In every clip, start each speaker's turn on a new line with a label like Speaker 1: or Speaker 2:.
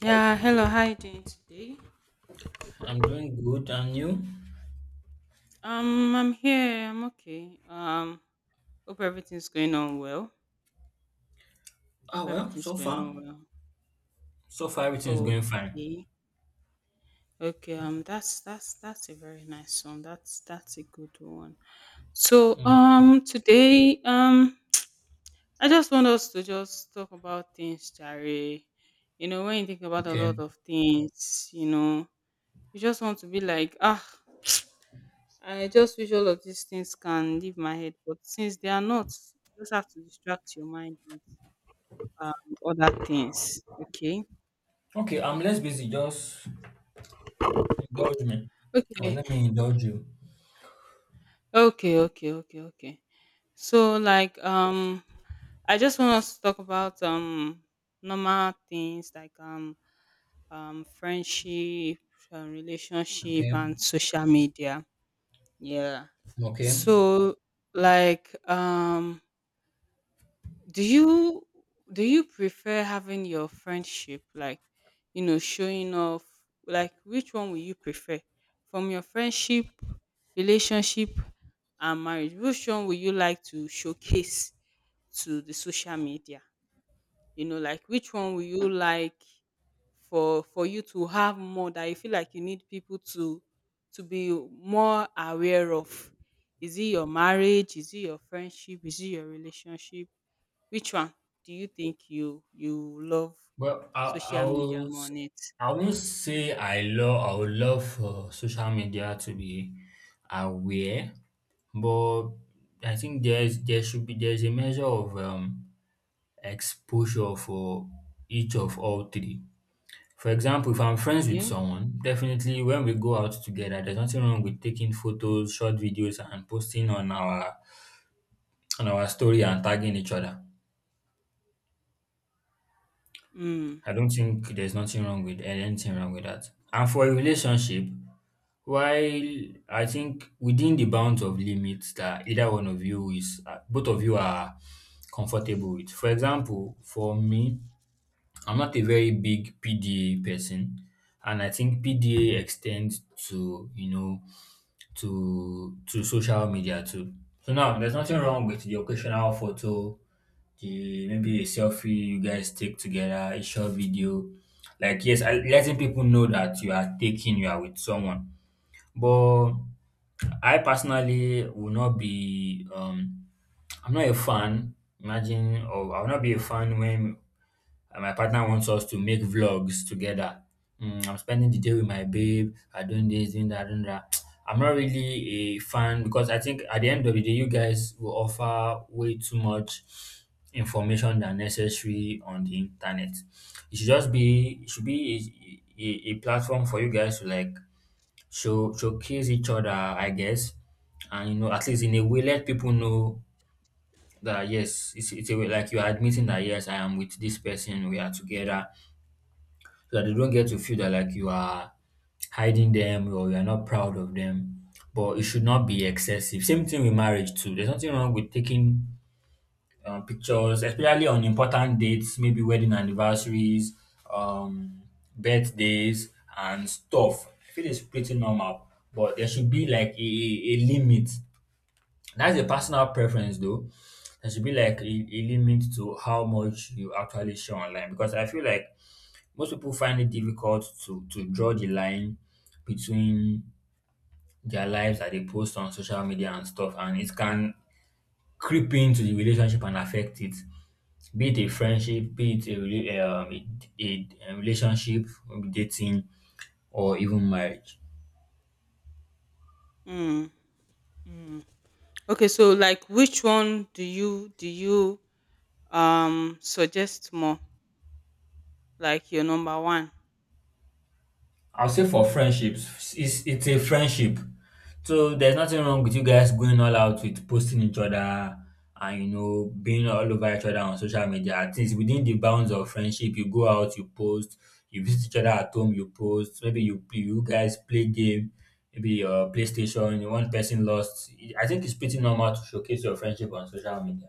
Speaker 1: Yeah, hello, how you doing today?
Speaker 2: I'm doing good, and you?
Speaker 1: I'm here, I'm okay. Hope everything's going on well.
Speaker 2: Ah,
Speaker 1: Hope
Speaker 2: well,
Speaker 1: everything's
Speaker 2: so
Speaker 1: going
Speaker 2: far,
Speaker 1: on
Speaker 2: so far everything is
Speaker 1: well.
Speaker 2: going fine.
Speaker 1: Okay. Okay, that's a very nice one. That's a good one. So
Speaker 2: Mm,
Speaker 1: today I just want us to just talk about things, Jare. You know, when you think about a
Speaker 2: Okay,
Speaker 1: lot of things, you know, you just want to be like, ah, I just wish all of these things can leave my head, but since they are not, you just have to distract your mind with um, other things. Okay.
Speaker 2: okay, I'm less busy. Just indulge me, or
Speaker 1: Okay.
Speaker 2: let me indulge you.
Speaker 1: Okay. Okay. Okay. Okay. So I just want us to talk about normal things like friendship, relationship,
Speaker 2: Okay,
Speaker 1: and social media. Yeah.
Speaker 2: okay.
Speaker 1: So like um do you do you prefer having your friendship like, you know, showing off, like which one will you prefer from your friendship, relationship, and marriage? Which one will you like to showcase to the social media? You know, like which one will you like, for you to have more, that you feel like you need people to be more aware of? Is it your marriage? Is it your friendship? Is it your relationship? Which one do you think you love
Speaker 2: Well, I
Speaker 1: social media more on it?
Speaker 2: I won't say I would love for social media to be aware, but I think there should be there's a measure of exposure for each of all three. For example, if I'm friends with
Speaker 1: Okay.
Speaker 2: someone, definitely when we go out together, there's nothing wrong with taking photos, short videos, and posting on our story and tagging each other.
Speaker 1: Mm,
Speaker 2: I don't think there's nothing wrong with eh, anything wrong with that. And for a relationship, while I think within the bounds of limits that either one of you is, both of you are comfortable with. For example, for me, I'm not a very big PDA person, and I think PDA extends to to social media too. So now there's nothing wrong with the occasional photo, the maybe a selfie you guys take together, a short video. Like yes, letting people know that you are with someone. But I personally will not be I'm not a fan. Imagine, or I will not be a fan when and my partner wants us to make vlogs together. Mm, I'm spending the day with my babe. I doing this, doing that, doing that. I'm not really a fan because I think at the end of the day, you guys will offer way too much information than necessary on the internet. It should be a platform for you guys to like showcase each other, I guess, and you know at least in a way let people know that yes, it's a way like you are admitting that yes, I am with this person, we are together, so that they don't get to feel that like you are hiding them or you are not proud of them. But it should not be excessive. Same thing with marriage too. There's nothing wrong with taking pictures, especially on important dates, maybe wedding anniversaries, um, birthdays, and stuff. I feel it's pretty normal, but there should be like a limit. That's a personal preference, though. There should be like a limit to how much you actually show online because I feel like most people find it difficult to draw the line between their lives that they post on social media and stuff, and it can creep into the relationship and affect it. Be it a friendship, be it a relationship, maybe dating, or even marriage.
Speaker 1: mm, mm. Okay, so like which one do you suggest more? Like your number one?
Speaker 2: I'll say for friendships, it's a friendship. So there's nothing wrong with you guys going all out with posting each other and you know being all over each other on social media. At least within the bounds of friendship, you go out, you post, you visit each other at home, you post. Maybe you guys play game, maybe your PlayStation. One person lost. I think it's pretty normal to showcase your friendship on social media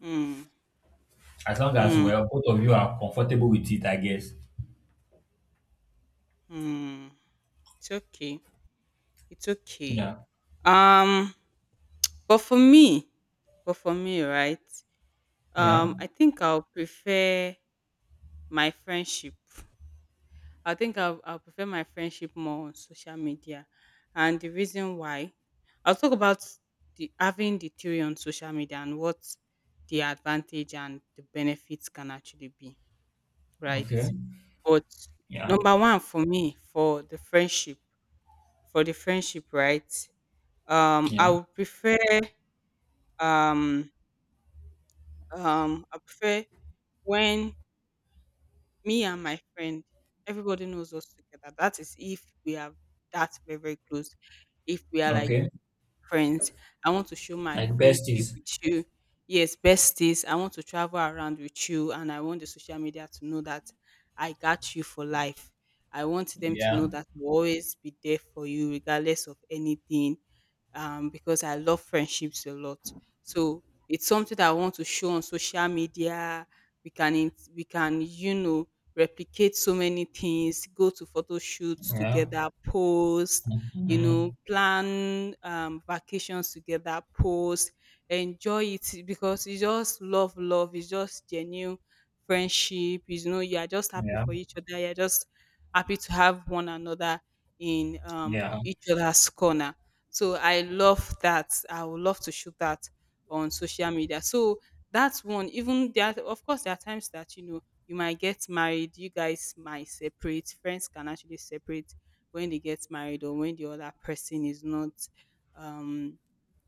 Speaker 1: Mm,
Speaker 2: as long as
Speaker 1: mm,
Speaker 2: well both of you are comfortable with it. I guess.
Speaker 1: mm. It's okay. It's okay.
Speaker 2: Yeah.
Speaker 1: Um but for me, but for me, right?
Speaker 2: Yeah.
Speaker 1: I think I'll prefer my friendship. I think I'll prefer my friendship more on social media. And the reason why, I'll talk about the having the theory on social media and what the advantage and the benefits can actually be, right?
Speaker 2: Okay.
Speaker 1: But
Speaker 2: Yeah.
Speaker 1: number one for me, for the friendship, right?
Speaker 2: Yeah.
Speaker 1: I would prefer um I prefer when me and my friend, everybody knows us together. That is if we are that very, very close. If we are like
Speaker 2: Okay,
Speaker 1: friends. I want to show my
Speaker 2: like
Speaker 1: friendship
Speaker 2: besties.
Speaker 1: with you. Yes, besties. I want to travel around with you, and I want the social media to know that I got you for life. I want them to know
Speaker 2: Yeah,
Speaker 1: that I'll always be there for you, regardless of anything, because I love friendships a lot. So it's something that I want to show on social media. We can, you know, replicate so many things, go to photo shoots
Speaker 2: yeah,
Speaker 1: together, post, you know,
Speaker 2: mhm,
Speaker 1: plan vacations together, post, enjoy it because it's just love, love. It's just genuine friendship. You know, you are just happy
Speaker 2: yeah,
Speaker 1: for each other. You're just happy to have one another in,
Speaker 2: yeah,
Speaker 1: each other's corner. So I love that. I would love to shoot that on social media. So that's one. Of course, there are times that, you know, you might get married. You guys might separate. Friends can actually separate when they get married or when the other person is not um,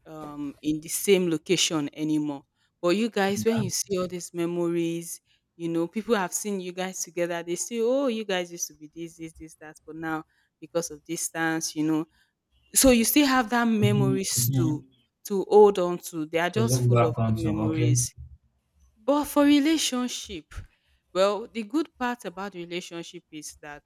Speaker 1: in the same location anymore. But you guys, when
Speaker 2: yeah.
Speaker 1: you see all these memories, you know, people have seen you guys together. They say, oh, you guys used to be this, this, this, that. But now, because of distance, you know, so you still have that
Speaker 2: Mhm,
Speaker 1: memories
Speaker 2: mhm.
Speaker 1: to hold on to. They are
Speaker 2: To
Speaker 1: just
Speaker 2: look
Speaker 1: full of
Speaker 2: back
Speaker 1: good
Speaker 2: onto, okay.
Speaker 1: memories. But for relationship, well, the good part about relationship is that,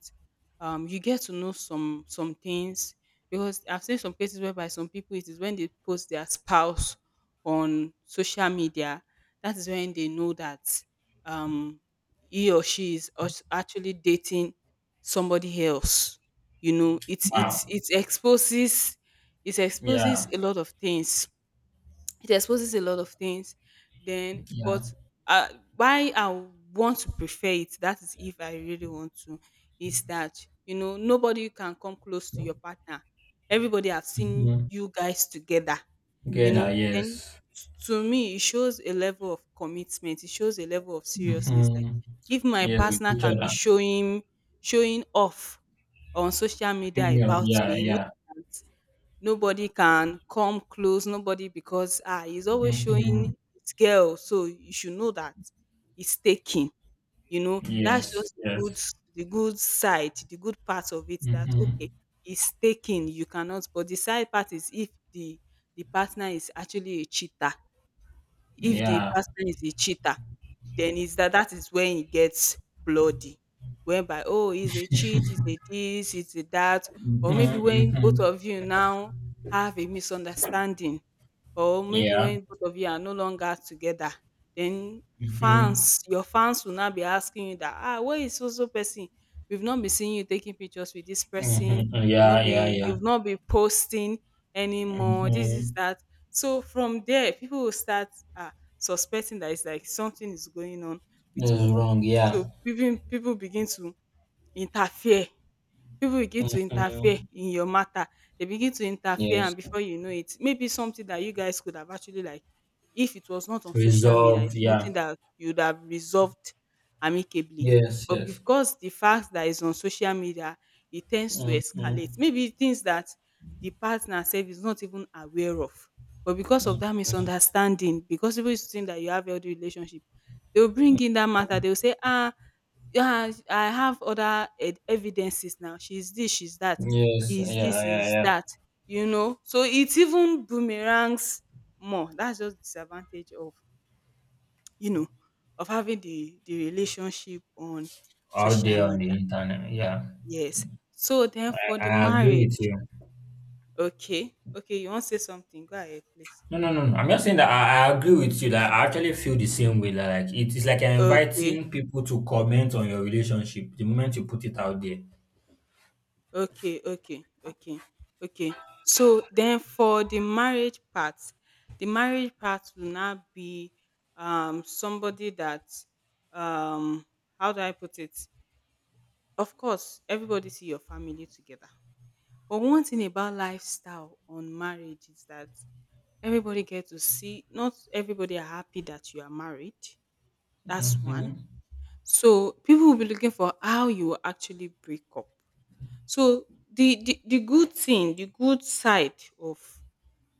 Speaker 1: you get to know some things, because I've seen some cases whereby some people, it is when they post their spouse on social media that is when they know that, um, he or she is actually dating somebody else. You know,
Speaker 2: Wow.
Speaker 1: it exposes, it exposes
Speaker 2: Yeah,
Speaker 1: a lot of things, it exposes a lot of things then.
Speaker 2: yeah.
Speaker 1: But uh, why I want to prefer it, that is if I really want to, is that, you know, nobody can come close to your partner. Everybody have seen
Speaker 2: Mm-hmm.
Speaker 1: you guys together, you
Speaker 2: Together,
Speaker 1: know. And
Speaker 2: yes.
Speaker 1: to me it shows a level of commitment, it shows a level of seriousness. Like,
Speaker 2: Mm-hmm.
Speaker 1: if my
Speaker 2: Yes, with
Speaker 1: partner
Speaker 2: each
Speaker 1: can be
Speaker 2: other.
Speaker 1: showing, showing off on social media
Speaker 2: Female,
Speaker 1: about
Speaker 2: yeah,
Speaker 1: me,
Speaker 2: yeah.
Speaker 1: nobody can come close, nobody, because ah, he's always
Speaker 2: Mm-hmm.
Speaker 1: showing his girl, so you should know that it's taking. You know, that's
Speaker 2: Yes,
Speaker 1: just the good,
Speaker 2: yes.
Speaker 1: the good side, the good part of it, that
Speaker 2: Mm-hmm.
Speaker 1: okay, it's taking, you cannot. But the side part is if the partner is actually a cheater. If the
Speaker 2: Yeah.
Speaker 1: person is a cheater, then is that that is when it gets bloody. Whereby, oh, he's a cheat, he's a this, he's a that,
Speaker 2: Mm-hmm.
Speaker 1: or maybe when both
Speaker 2: Mm-hmm.
Speaker 1: of you now have a misunderstanding, or maybe
Speaker 2: Yeah.
Speaker 1: when both of you are no longer together, then
Speaker 2: Mm-hmm.
Speaker 1: fans, your fans will now be asking you that, ah, where is so so person? We've not been seeing you taking pictures with this person.
Speaker 2: Mm-hmm. Yeah, yeah, yeah.
Speaker 1: You've not been posting anymore. This
Speaker 2: Mm-hmm.
Speaker 1: is that. So from there, people will start uh, suspecting that it's like something is going on between
Speaker 2: That's
Speaker 1: both of
Speaker 2: wrong,
Speaker 1: them. So
Speaker 2: yeah.
Speaker 1: people begin to interfere. People begin to interfere
Speaker 2: Mhm.
Speaker 1: in your matter. They begin to interfere
Speaker 2: Yes.
Speaker 1: and before you know it, maybe something that you guys could have actually like, if it was not on social media,
Speaker 2: Resolved.
Speaker 1: it's
Speaker 2: Yeah.
Speaker 1: something that you would have resolved amicably.
Speaker 2: Yes.
Speaker 1: But
Speaker 2: Yes.
Speaker 1: because the fact that is on social media, it tends to
Speaker 2: Mhm.
Speaker 1: escalate. Maybe things that the partner self is not even aware of. But because of that
Speaker 2: Mhm.
Speaker 1: misunderstanding, because people used to think that you have healthy relationship, they will bring in that matter. They will say, ah, yeah, I have other ed evidences now. She's this, she's that.
Speaker 2: Yes.
Speaker 1: Is
Speaker 2: Yeah.
Speaker 1: this,
Speaker 2: Yeah.
Speaker 1: is
Speaker 2: Yeah.
Speaker 1: that, you know. So it even boomerangs more. That's just disadvantage of, you know, of having the relationship on
Speaker 2: Out
Speaker 1: social
Speaker 2: there on
Speaker 1: media.
Speaker 2: the internet. Yeah.
Speaker 1: Yes. So then for the
Speaker 2: I agree with
Speaker 1: marriage,
Speaker 2: you.
Speaker 1: okay, okay, you want to say something? Go ahead, please.
Speaker 2: No, no, no, no. I'm just saying that I agree with you. That I actually feel the same way. That like it is like you're
Speaker 1: Okay.
Speaker 2: inviting people to comment on your relationship the moment you put it out there.
Speaker 1: Okay, okay, okay, okay. So then for the marriage part will now be somebody that, um how do I put it? Of course, everybody see your family together. But one thing about lifestyle on marriage is that everybody get to see, not everybody are happy that you are married. That's one.
Speaker 2: Mm-hmm.
Speaker 1: So people will be looking for how you will actually break up. So the good thing, the good side of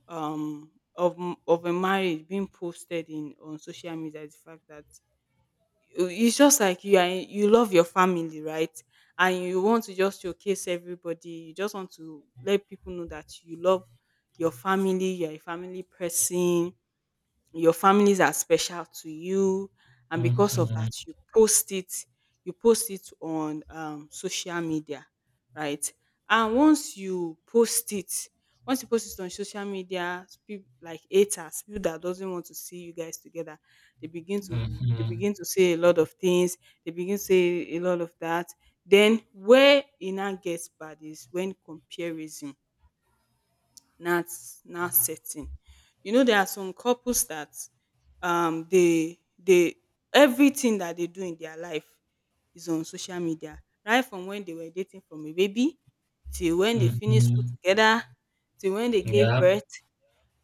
Speaker 1: of a marriage being posted in on social media is the fact that it's just like you are you love your family, right? And you want to just showcase everybody. You just want to let people know that you love your family. You're a family person, your families are special to you, and because of that,
Speaker 2: Mm-hmm.
Speaker 1: you post it. You post it on, social media, right? And once you post it, once you post it on social media, people like haters, people that doesn't want to see you guys together, they begin to, they
Speaker 2: Mm-hmm.
Speaker 1: begin to say a lot of things. They begin to say a lot of that. Then where it now gets bad is when comparison now now setting. You know, there are some couples that, they everything that they do in their life is on social media. Right from when they were dating from a baby, till when they finished school
Speaker 2: Mm-hmm.
Speaker 1: together, till when they gave
Speaker 2: Yeah.
Speaker 1: birth,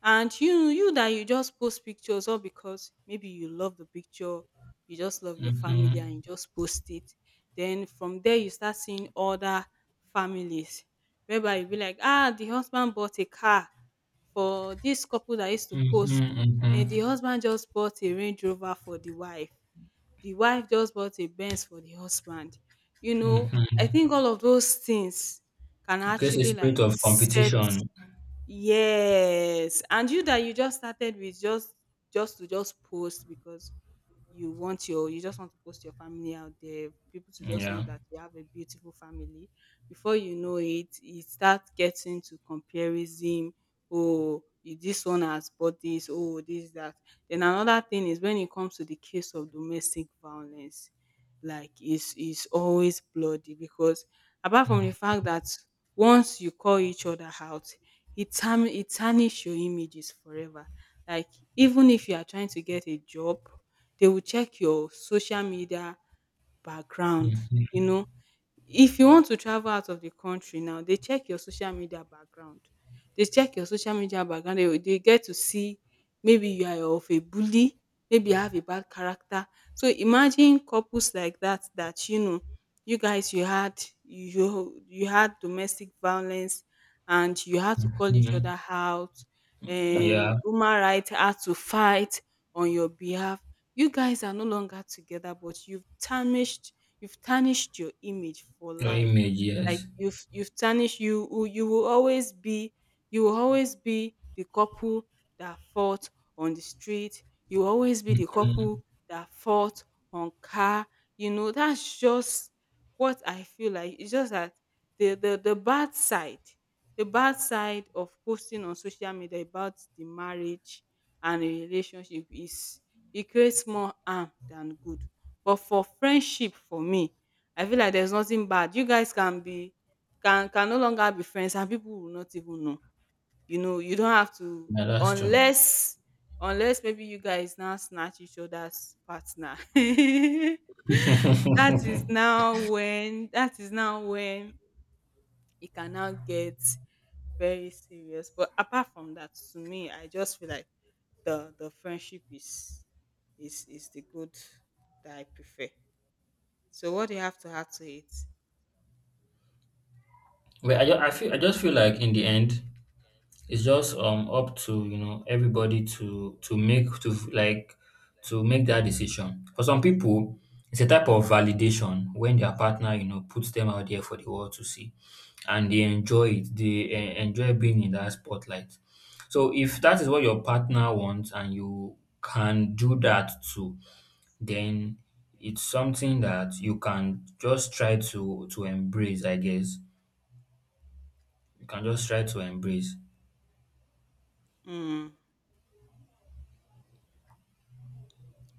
Speaker 1: and you that you just post pictures all, because maybe you love the picture, you just love your family and you
Speaker 2: Mm-hmm.
Speaker 1: just post it, then from there you start seeing other families whereby you be like ah, the husband bought a car for this couple that used to post,
Speaker 2: Mm-hmm.
Speaker 1: and the
Speaker 2: Mm-hmm.
Speaker 1: husband just bought a range rover for the wife, the wife just bought a benz for the husband, you know, I
Speaker 2: Mm-hmm.
Speaker 1: think all of those things can
Speaker 2: It creates a
Speaker 1: actually
Speaker 2: spirit
Speaker 1: like
Speaker 2: of
Speaker 1: set.
Speaker 2: competition.
Speaker 1: Yes. And you, that you just started with just to just post because you want your, you just want to post your family out there, people to just know
Speaker 2: Yeah.
Speaker 1: that you have a beautiful family. Before you know it, you start getting to comparison. Oh, you- this one has bought this, oh, this, that. Then another thing is when it comes to the case of domestic violence, like it's always bloody because apart from
Speaker 2: Mm,
Speaker 1: the fact that once you call each other out, it tarnish your images forever. Like even if you are trying to get a job, they will check your social media background,
Speaker 2: mm,
Speaker 1: you
Speaker 2: mm,
Speaker 1: know. If you want to travel out of the country now, they check your social media background. They check your social media background. They get to see maybe you are of a bully, maybe you have a bad character. So imagine couples like that you guys you had domestic violence and you had to call each
Speaker 2: mm.
Speaker 1: other out.
Speaker 2: Yeah.
Speaker 1: Human rights had to fight on your behalf. You guys are no longer together, but you've tarnished your image for
Speaker 2: Your
Speaker 1: life.
Speaker 2: image,
Speaker 1: Like
Speaker 2: yes.
Speaker 1: you've tarnished you you you will always be you will always be the couple that fought on the street. You will always be the couple
Speaker 2: Mhm.
Speaker 1: that fought on car. You know, that's just what I feel like. It's just that the bad side, the bad side of posting on social media about the marriage and a relationship is it creates more harm than good. But for friendship, for me, I feel like there's nothing bad. You guys can no longer be friends and people will not even know. You know, you don't have to,
Speaker 2: Yeah, that's true.
Speaker 1: unless maybe you guys now snatch each other's partner. That is now when it can now get very serious. But apart from that, to me, I just feel like the friendship is is the good that I prefer. So what do you have to add to it?
Speaker 2: But I feel I just feel like in the end it's just up to you know everybody to make that decision. For some people it's a type of validation when their partner you know puts them out there for the world to see and they enjoy it, they enjoy being in that spotlight. So if that is what your partner wants and you can do that too, then it's something that you can just try to embrace, I guess. You can just try to embrace.
Speaker 1: Mm,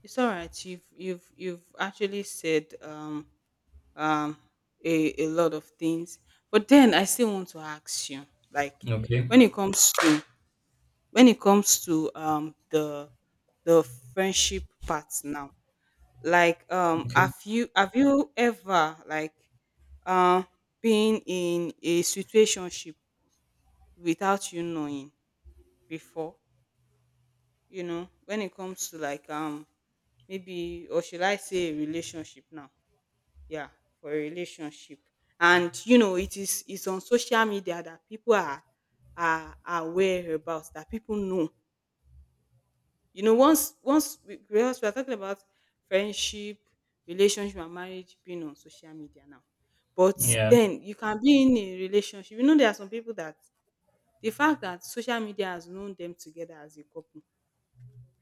Speaker 1: it's all right. You've actually said um a lot of things, but then I still want to ask you, like,
Speaker 2: Okay.
Speaker 1: when it comes to, when it comes to the friendship part now. Like,
Speaker 2: Okay.
Speaker 1: have you ever, like, uh been in a situationship without you knowing before? You know, when it comes to, like, maybe, or should I say a relationship now. Yeah, for a relationship. And you know it is, it's on social media that people are aware about, that people know. You know, once we, because we are talking about friendship, relationship, and marriage being on social media now. But
Speaker 2: Yeah.
Speaker 1: then you can be in a relationship. You know, there are some people that, the fact that social media has known them together as a couple,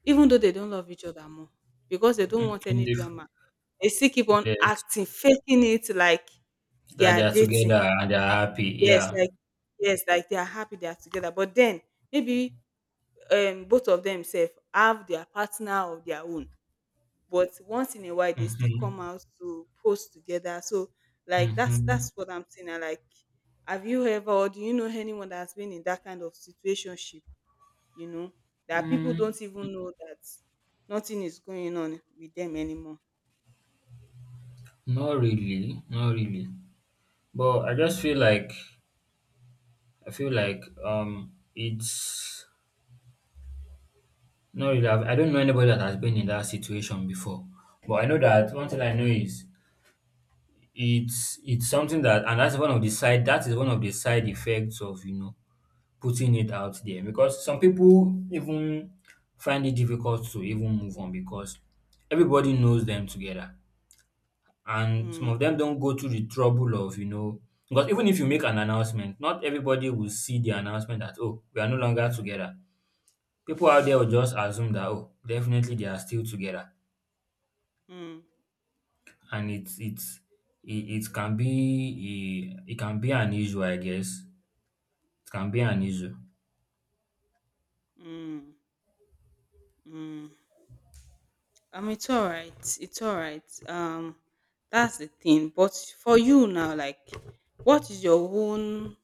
Speaker 1: even though they don't love each other more, because they don't want
Speaker 2: Mhm,
Speaker 1: any
Speaker 2: dif
Speaker 1: drama, they still keep on
Speaker 2: Yes,
Speaker 1: acting, faking it like they
Speaker 2: that they
Speaker 1: are
Speaker 2: are
Speaker 1: dating.
Speaker 2: together and they are happy,
Speaker 1: Yes,
Speaker 2: yeah.
Speaker 1: like, yes, like they are happy they are together. But then maybe both of them self have their partner of their own. But once in a while they still come
Speaker 2: Mhm,
Speaker 1: out to post together. So like
Speaker 2: mhm.
Speaker 1: that's what I'm saying. I like, have you ever, or do you know anyone that's been in that kind of situation? You know, that people
Speaker 2: Mm,
Speaker 1: don't even know that nothing is going on with them anymore.
Speaker 2: not really, not really. But I just feel like it's not really. I don't know anybody that has been in that situation before, but I know that one
Speaker 1: Mm,
Speaker 2: thing I know is it's something. That is one of the side effects of you know putting it out there because some people even find it difficult to even move on because everybody knows them together, and some
Speaker 1: mm,
Speaker 2: of them don't go through the trouble of you know, because even if you make an announcement, not everybody will see the announcement that oh, we are no longer together. People out there will just assume that oh, definitely they are still together.
Speaker 1: mm,
Speaker 2: And it's it can be, it can be an issue, I guess. It can be an issue.
Speaker 1: mm, mm. It's all right. It's all right. That's the thing. But for you now, like, what is your own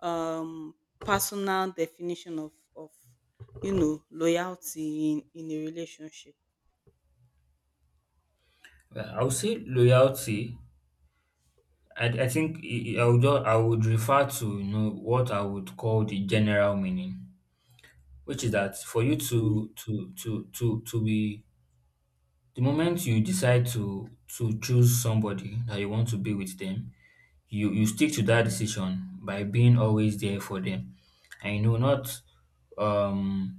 Speaker 1: um personal definition of, you know, loyalty in a relationship?
Speaker 2: I would say loyalty. I think I would refer to you know what I would call the general meaning, which is that for you to be the moment you decide to choose somebody that you want to be with them, you stick to that decision by being always there for them, and you know not um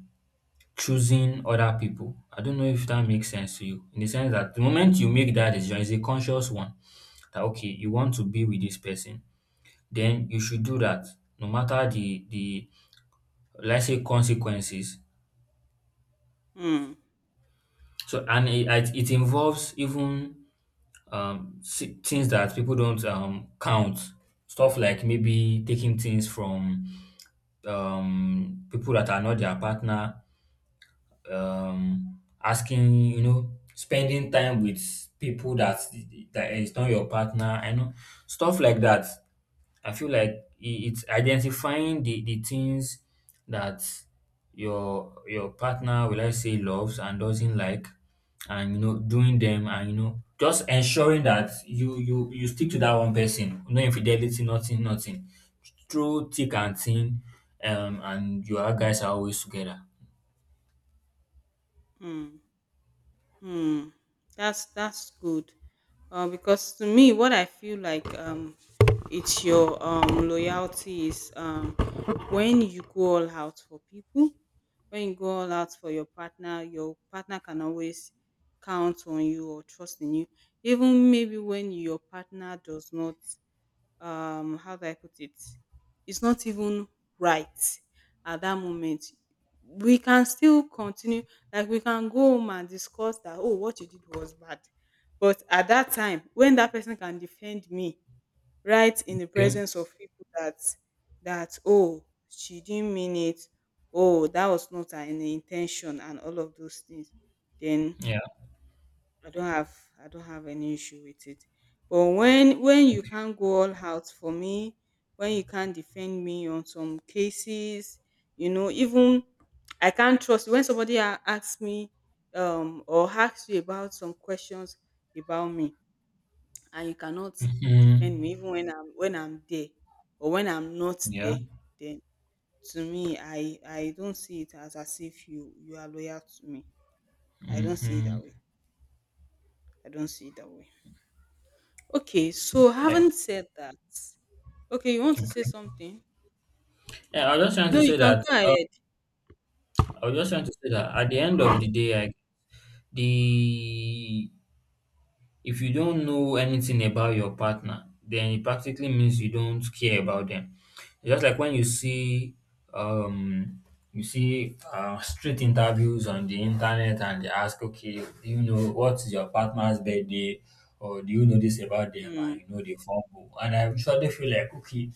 Speaker 2: choosing other people. I don't know if that makes sense to you, in the sense that the moment you make that decision, it's a conscious one, that okay, you want to be with this person, then you should do
Speaker 1: Mm,
Speaker 2: that, no matter the let's say consequences.
Speaker 1: mm.
Speaker 2: So, and it, and it involves even things that people don't count. Stuff like maybe taking things from people that are not their partner, asking, you know, spending time with people that that is not your partner, I know, stuff like that. I feel like it's identifying the things that your partner will I say loves and doesn't like, and you know doing them, and you know just ensuring that you stick to that one person. No infidelity, nothing, nothing. Through thick and thin, and your guys are always together.
Speaker 1: Mm. Hmm. That's good. Because to me, what I feel like, it's your loyalty is, when you go all out for people, when you go all out for your partner can always count on you or trust in you. Even maybe when your partner does not, how do I put it? It's not even right at that moment. We can still continue. Like, we can go home and discuss that, oh, what you did was bad. But at that time, when that person can defend me right in the
Speaker 2: Okay.
Speaker 1: presence of people, that that, oh, she didn't mean it, oh, that was not her intention and all of those things, then
Speaker 2: Yeah.
Speaker 1: I don't have, I don't have any issue with it. But when you
Speaker 2: Okay.
Speaker 1: can't go all out for me, when you can't defend me on some cases, you know, even I can't trust you. When somebody asks me, or asks you about some questions about me, and you cannot
Speaker 2: Hmm.
Speaker 1: defend me even when I'm, when I'm there, or when I'm not
Speaker 2: Yeah.
Speaker 1: there, then, to me, I don't see it as if you, you are loyal to me. I don't see it
Speaker 2: Mm-hmm.
Speaker 1: that way. I don't see it that way. Okay, so
Speaker 2: Right.
Speaker 1: having said that, okay, you want to
Speaker 2: Okay.
Speaker 1: say something?
Speaker 2: Yeah, I was just trying
Speaker 1: No,
Speaker 2: to
Speaker 1: you
Speaker 2: say
Speaker 1: can
Speaker 2: that
Speaker 1: go ahead.
Speaker 2: I was just trying to say that at the end of the day, I, the if you don't know anything about your partner, then it practically means you don't care about them. Just like when um, you see street interviews on the internet, and they ask, okay, do you know what is your partner's birthday, or do you know this about them,
Speaker 1: Mm,
Speaker 2: and you know the fumble. And I usually feel like, okay,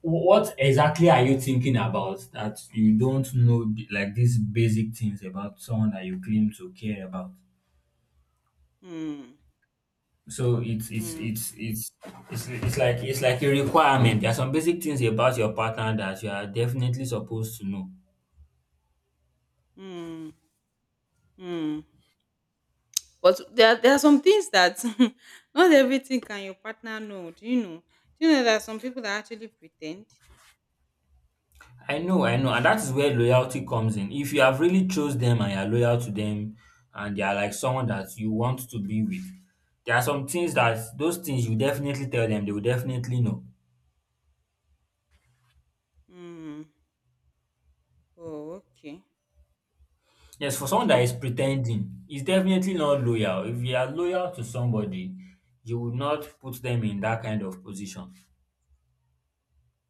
Speaker 2: what exactly are you thinking about that you don't know like these basic things about someone that you claim to care about?
Speaker 1: mm,
Speaker 2: So
Speaker 1: mm,
Speaker 2: it's like a requirement. There are some basic things about your partner that you are definitely supposed to know.
Speaker 1: mm, mm. But there, there are some things that not everything can your partner know. Do you know? Do you know that some people that actually pretend?
Speaker 2: I know, I know, and that is where loyalty comes in. If you have really chose them and you are loyal to them, and they are like someone that you want to be with, there are some things that those things you definitely tell them, they will definitely know.
Speaker 1: Mm. Oh, okay,
Speaker 2: Yes, for someone that
Speaker 1: okay.
Speaker 2: is pretending, it's definitely not loyal. If you are loyal to somebody, you would not put them in that kind of position.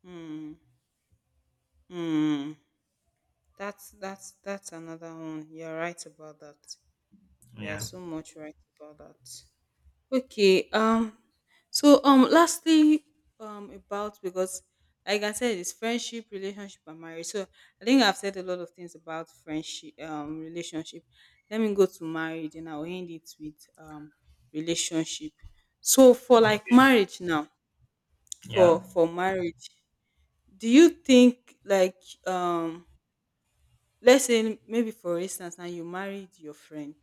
Speaker 1: Mm, mm. That's another one. You're right about that. You're
Speaker 2: Yeah.
Speaker 1: so much right about that. Okay. So, Lastly, About, because like I said, it's friendship, relationship, and marriage. So I think I've said a lot of things about friendship, relationship. Let me go to marriage, and I'll end it with relationship. So for like
Speaker 2: Okay.
Speaker 1: marriage now,
Speaker 2: Yeah.
Speaker 1: for marriage, do you think like, um let's say maybe for instance now you married your friend,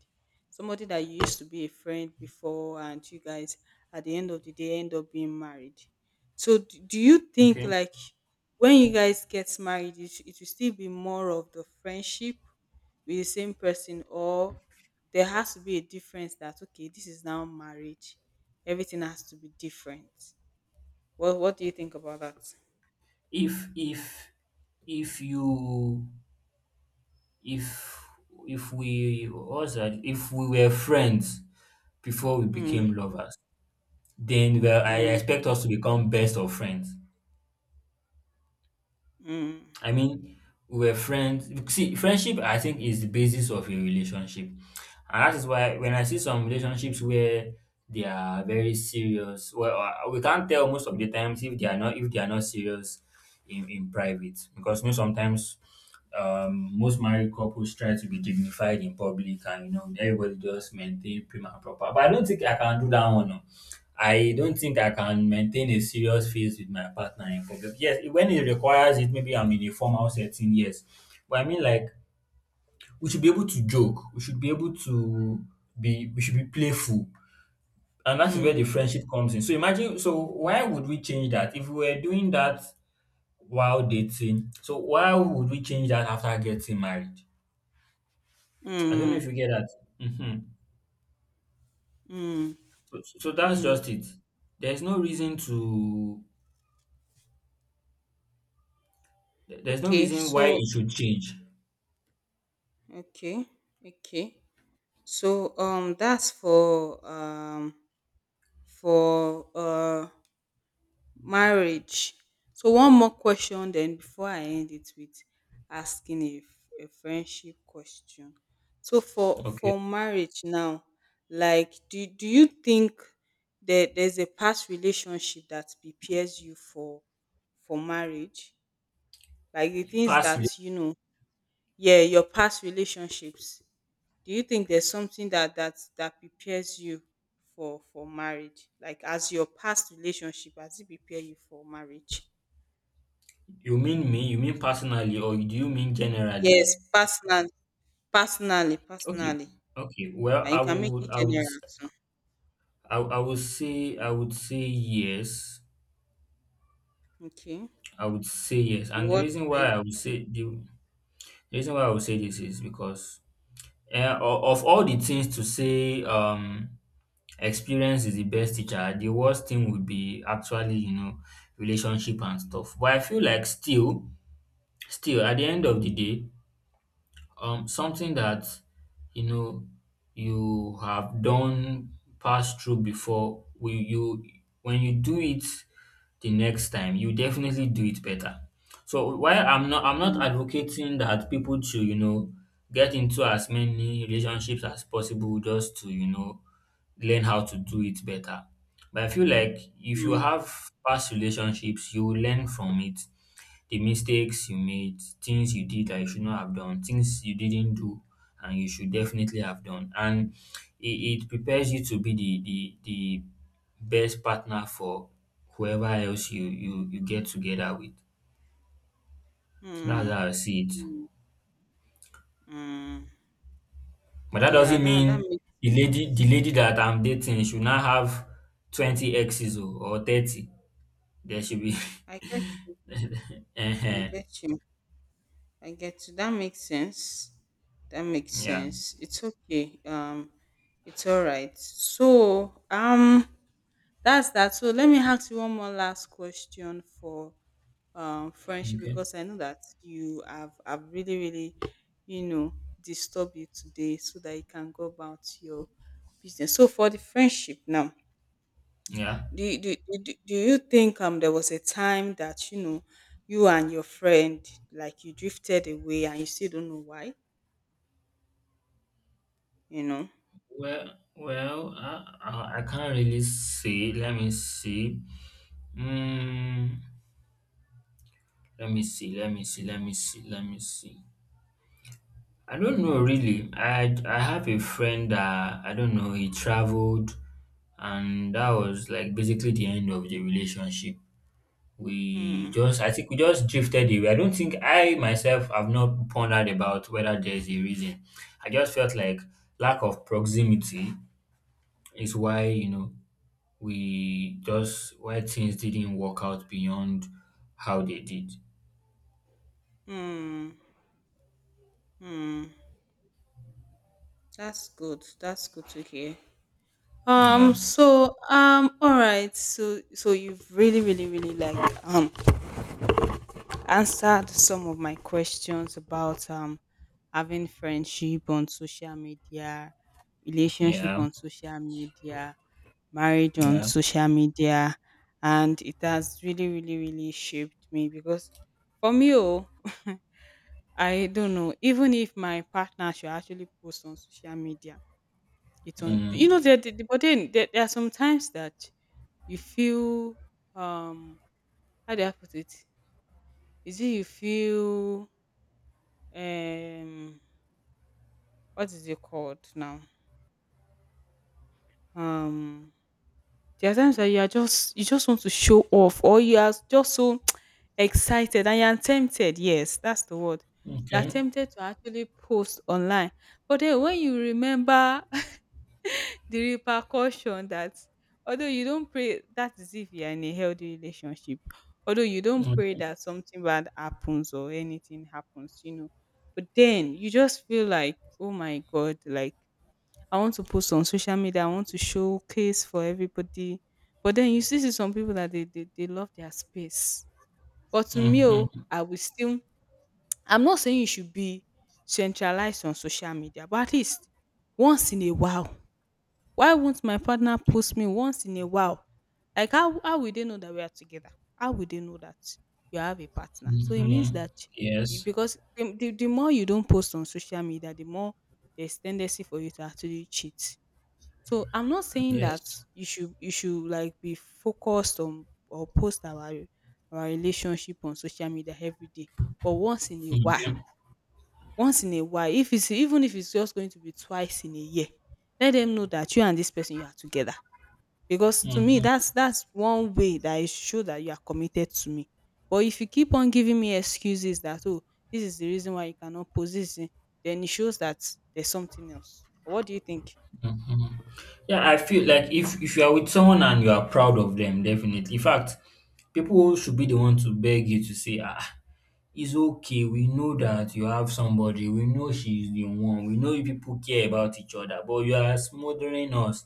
Speaker 1: somebody that you used to be a friend before and you guys at the end of the day end up being married. So do you think,
Speaker 2: Okay.
Speaker 1: like, when you guys get married, it will still be more of the friendship with the same person, or there has to be a difference that, okay, this is now marriage, everything has to be different? What do you think about that?
Speaker 2: If if if you if if we what's that? If we were friends before we
Speaker 1: mm,
Speaker 2: became lovers, then well, I
Speaker 1: mm,
Speaker 2: expect us to become best of friends.
Speaker 1: mm,
Speaker 2: I mean, we were friends. See, friendship, I think, is the basis of a relationship. And that is why when I see some relationships where they are very serious, well, we can't tell most of the times if they are not serious in private, because you know sometimes most married couples try to be dignified in public, and you know everybody just maintain prim and proper. But I don't think I can do that one. No. I don't think I can maintain a serious phase with my partner in public. Yes, when it requires it, maybe I'm in a formal setting, yes. But I mean, like, we should be able to joke. We should be able to we should be playful. And that's where the
Speaker 1: mm,
Speaker 2: friendship comes in. So imagine, so why would we change that? If we were doing that while dating, so why would we change that after getting married? I don't know
Speaker 1: mm,
Speaker 2: if you get that. Hmm.
Speaker 1: mm.
Speaker 2: So that's
Speaker 1: Mm,
Speaker 2: just it. There's no reason there's no
Speaker 1: okay,
Speaker 2: reason why
Speaker 1: so
Speaker 2: it should change.
Speaker 1: okay, okay. So that's for marriage. So one more question, then, before I end it with asking a, a friendship question. So
Speaker 2: Okay.
Speaker 1: for marriage now, like do do you think that there's a past relationship that prepares you for marriage? Like the things that
Speaker 2: Personally,
Speaker 1: you know. Yeah, your past relationships. Do you think there's something that that that prepares you for marriage? Like as your past relationship, has it prepare you for marriage?
Speaker 2: you mean me? You mean personally, or do you mean generally?
Speaker 1: Yes, personally, personally,
Speaker 2: Okay,
Speaker 1: personally,
Speaker 2: okay. Well,
Speaker 1: and you can make it general too.
Speaker 2: I would say, I would say yes.
Speaker 1: Okay. In
Speaker 2: I would say yes, and the
Speaker 1: what
Speaker 2: reason why
Speaker 1: way?
Speaker 2: I would say the reason why I would say this is because of all the things to say, experience is the best teacher. The worst thing would be actually, you know, relationship and stuff. But I feel like still, still, at the end of the day. Um, something that, you know, you have done passed through before will you when you do it the next time you definitely do it better. So while I'm not
Speaker 1: Mm,
Speaker 2: advocating that people to, you know, get into as many relationships as possible just to, you know, learn how to do it better, but I feel like if you
Speaker 1: mm,
Speaker 2: have past relationships you will learn from it, the mistakes you made, things you did that you should not have done, things you didn't do and you should definitely have done. And it, it prepares you to be the best partner for whoever else you get together with. That's
Speaker 1: mm,
Speaker 2: how I see it.
Speaker 1: mm, mm.
Speaker 2: But that
Speaker 1: Yeah,
Speaker 2: doesn't
Speaker 1: that that
Speaker 2: mean
Speaker 1: makes
Speaker 2: the lady
Speaker 1: sense.
Speaker 2: the lady that I'm dating should not have 20 exes or 30. There should be
Speaker 1: I get you. I
Speaker 2: Ehen.
Speaker 1: get you. I get you. That makes sense. That makes
Speaker 2: Yeah.
Speaker 1: sense. It's okay. It's all right. So, that's that. So let me ask you one more last question for friendship,
Speaker 2: Okay.
Speaker 1: because I know that you have really really, you know, disturbed you today so that you can go about your business. So for the friendship now,
Speaker 2: Yeah.
Speaker 1: do you, do, do, do do you think there was a time that, you know, you and your friend, like, you drifted away and you still don't know why? You know.
Speaker 2: I can't really see. Let me see. Mm, let me see. Let me see. Let me see. Let me see. I don't know really. I have a friend that I don't know. He traveled, and that was like basically the end of the relationship. We
Speaker 1: Hmm.
Speaker 2: just I think we just drifted away. I don't think I myself have not pondered about whether there's a reason. I just felt like lack of proximity is why, you know, we just why things didn't work out beyond how they did.
Speaker 1: Hmm. Hmm. That's good. That's good to hear.
Speaker 2: Yeah,
Speaker 1: So. All right. So. So you've really, really, really, like, um answered some of my questions about having friendship on social media, relationship
Speaker 2: yeah,
Speaker 1: on social media, married on
Speaker 2: yeah.
Speaker 1: social media, and it has really really really shaped me. Because for me, oh, I don't know even if my partner should actually post on social media. It's on, you
Speaker 2: Mm.
Speaker 1: know, there, but then there are some times that you feel, um how do I put it, is it you feel, um what is it called now, um there are times that you are just, you just want to show off, or you are just so excited and you are tempted. Yes, that's the word. You are
Speaker 2: Okay.
Speaker 1: tempted to actually post online. But then when you remember the repercussion that, although you don't pray, that is if you are in a healthy relationship. Although you don't pray
Speaker 2: Okay.
Speaker 1: that something bad happens or anything happens, you know. But then you just feel like, oh my God, like, I want to post on social media. I want to showcase for everybody. But then you still see some people that they they love their space. But to me, oh,
Speaker 2: Mm-hmm.
Speaker 1: I will still. I'm not saying you should be centralized on social media, but at least once in a while. Why won't my partner post me once in a while? Like, how will they know that we are together? How will they know that you have a partner? So it means
Speaker 2: Mm-hmm.
Speaker 1: that,
Speaker 2: Yes,
Speaker 1: because the more you don't post on social media, the more there's tendency for you to actually cheat. So I'm not saying that
Speaker 2: yes.
Speaker 1: you should, you should like be focused on, or post our relationship on social media every day. But once in a while,
Speaker 2: Okay.
Speaker 1: once in a while, if it's, even if it's just going to be twice in a year, let them know that you and this person you are together. Because to me,
Speaker 2: Mm-hmm.
Speaker 1: that's one way that it show that you are committed to me. But if you keep on giving me excuses that, oh, this is the reason why you cannot post this, eh, then it shows that there's something else. What do you think?
Speaker 2: Yeah, I feel like if you are with someone and you are proud of them, definitely. In fact, people should be the one to beg you to say, ah, it's okay. We know that you have somebody. We know she's the one. We know you people care about each other, but you are smothering us.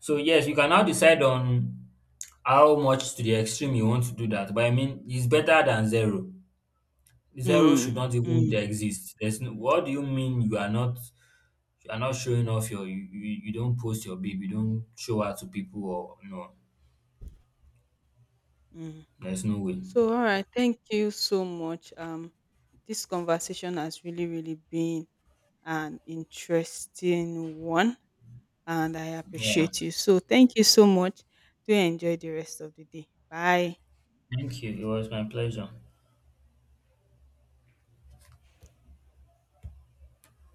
Speaker 2: So yes, you can now decide on how much to the extreme you want to do that. But I mean, it's better than zero. Zero should
Speaker 1: Mm.
Speaker 2: not even
Speaker 1: Mm.
Speaker 2: exist. There's no, what do you mean you are not showing off your you don't post your babe, you don't show out to people or no.
Speaker 1: Mm.
Speaker 2: There's no way.
Speaker 1: So, all right, thank you so much. This conversation has really, really been an interesting one, and I
Speaker 2: Yeah.
Speaker 1: appreciate you. So, thank you so much. Do enjoy the rest of the day. Bye.
Speaker 2: Thank you. It was my pleasure.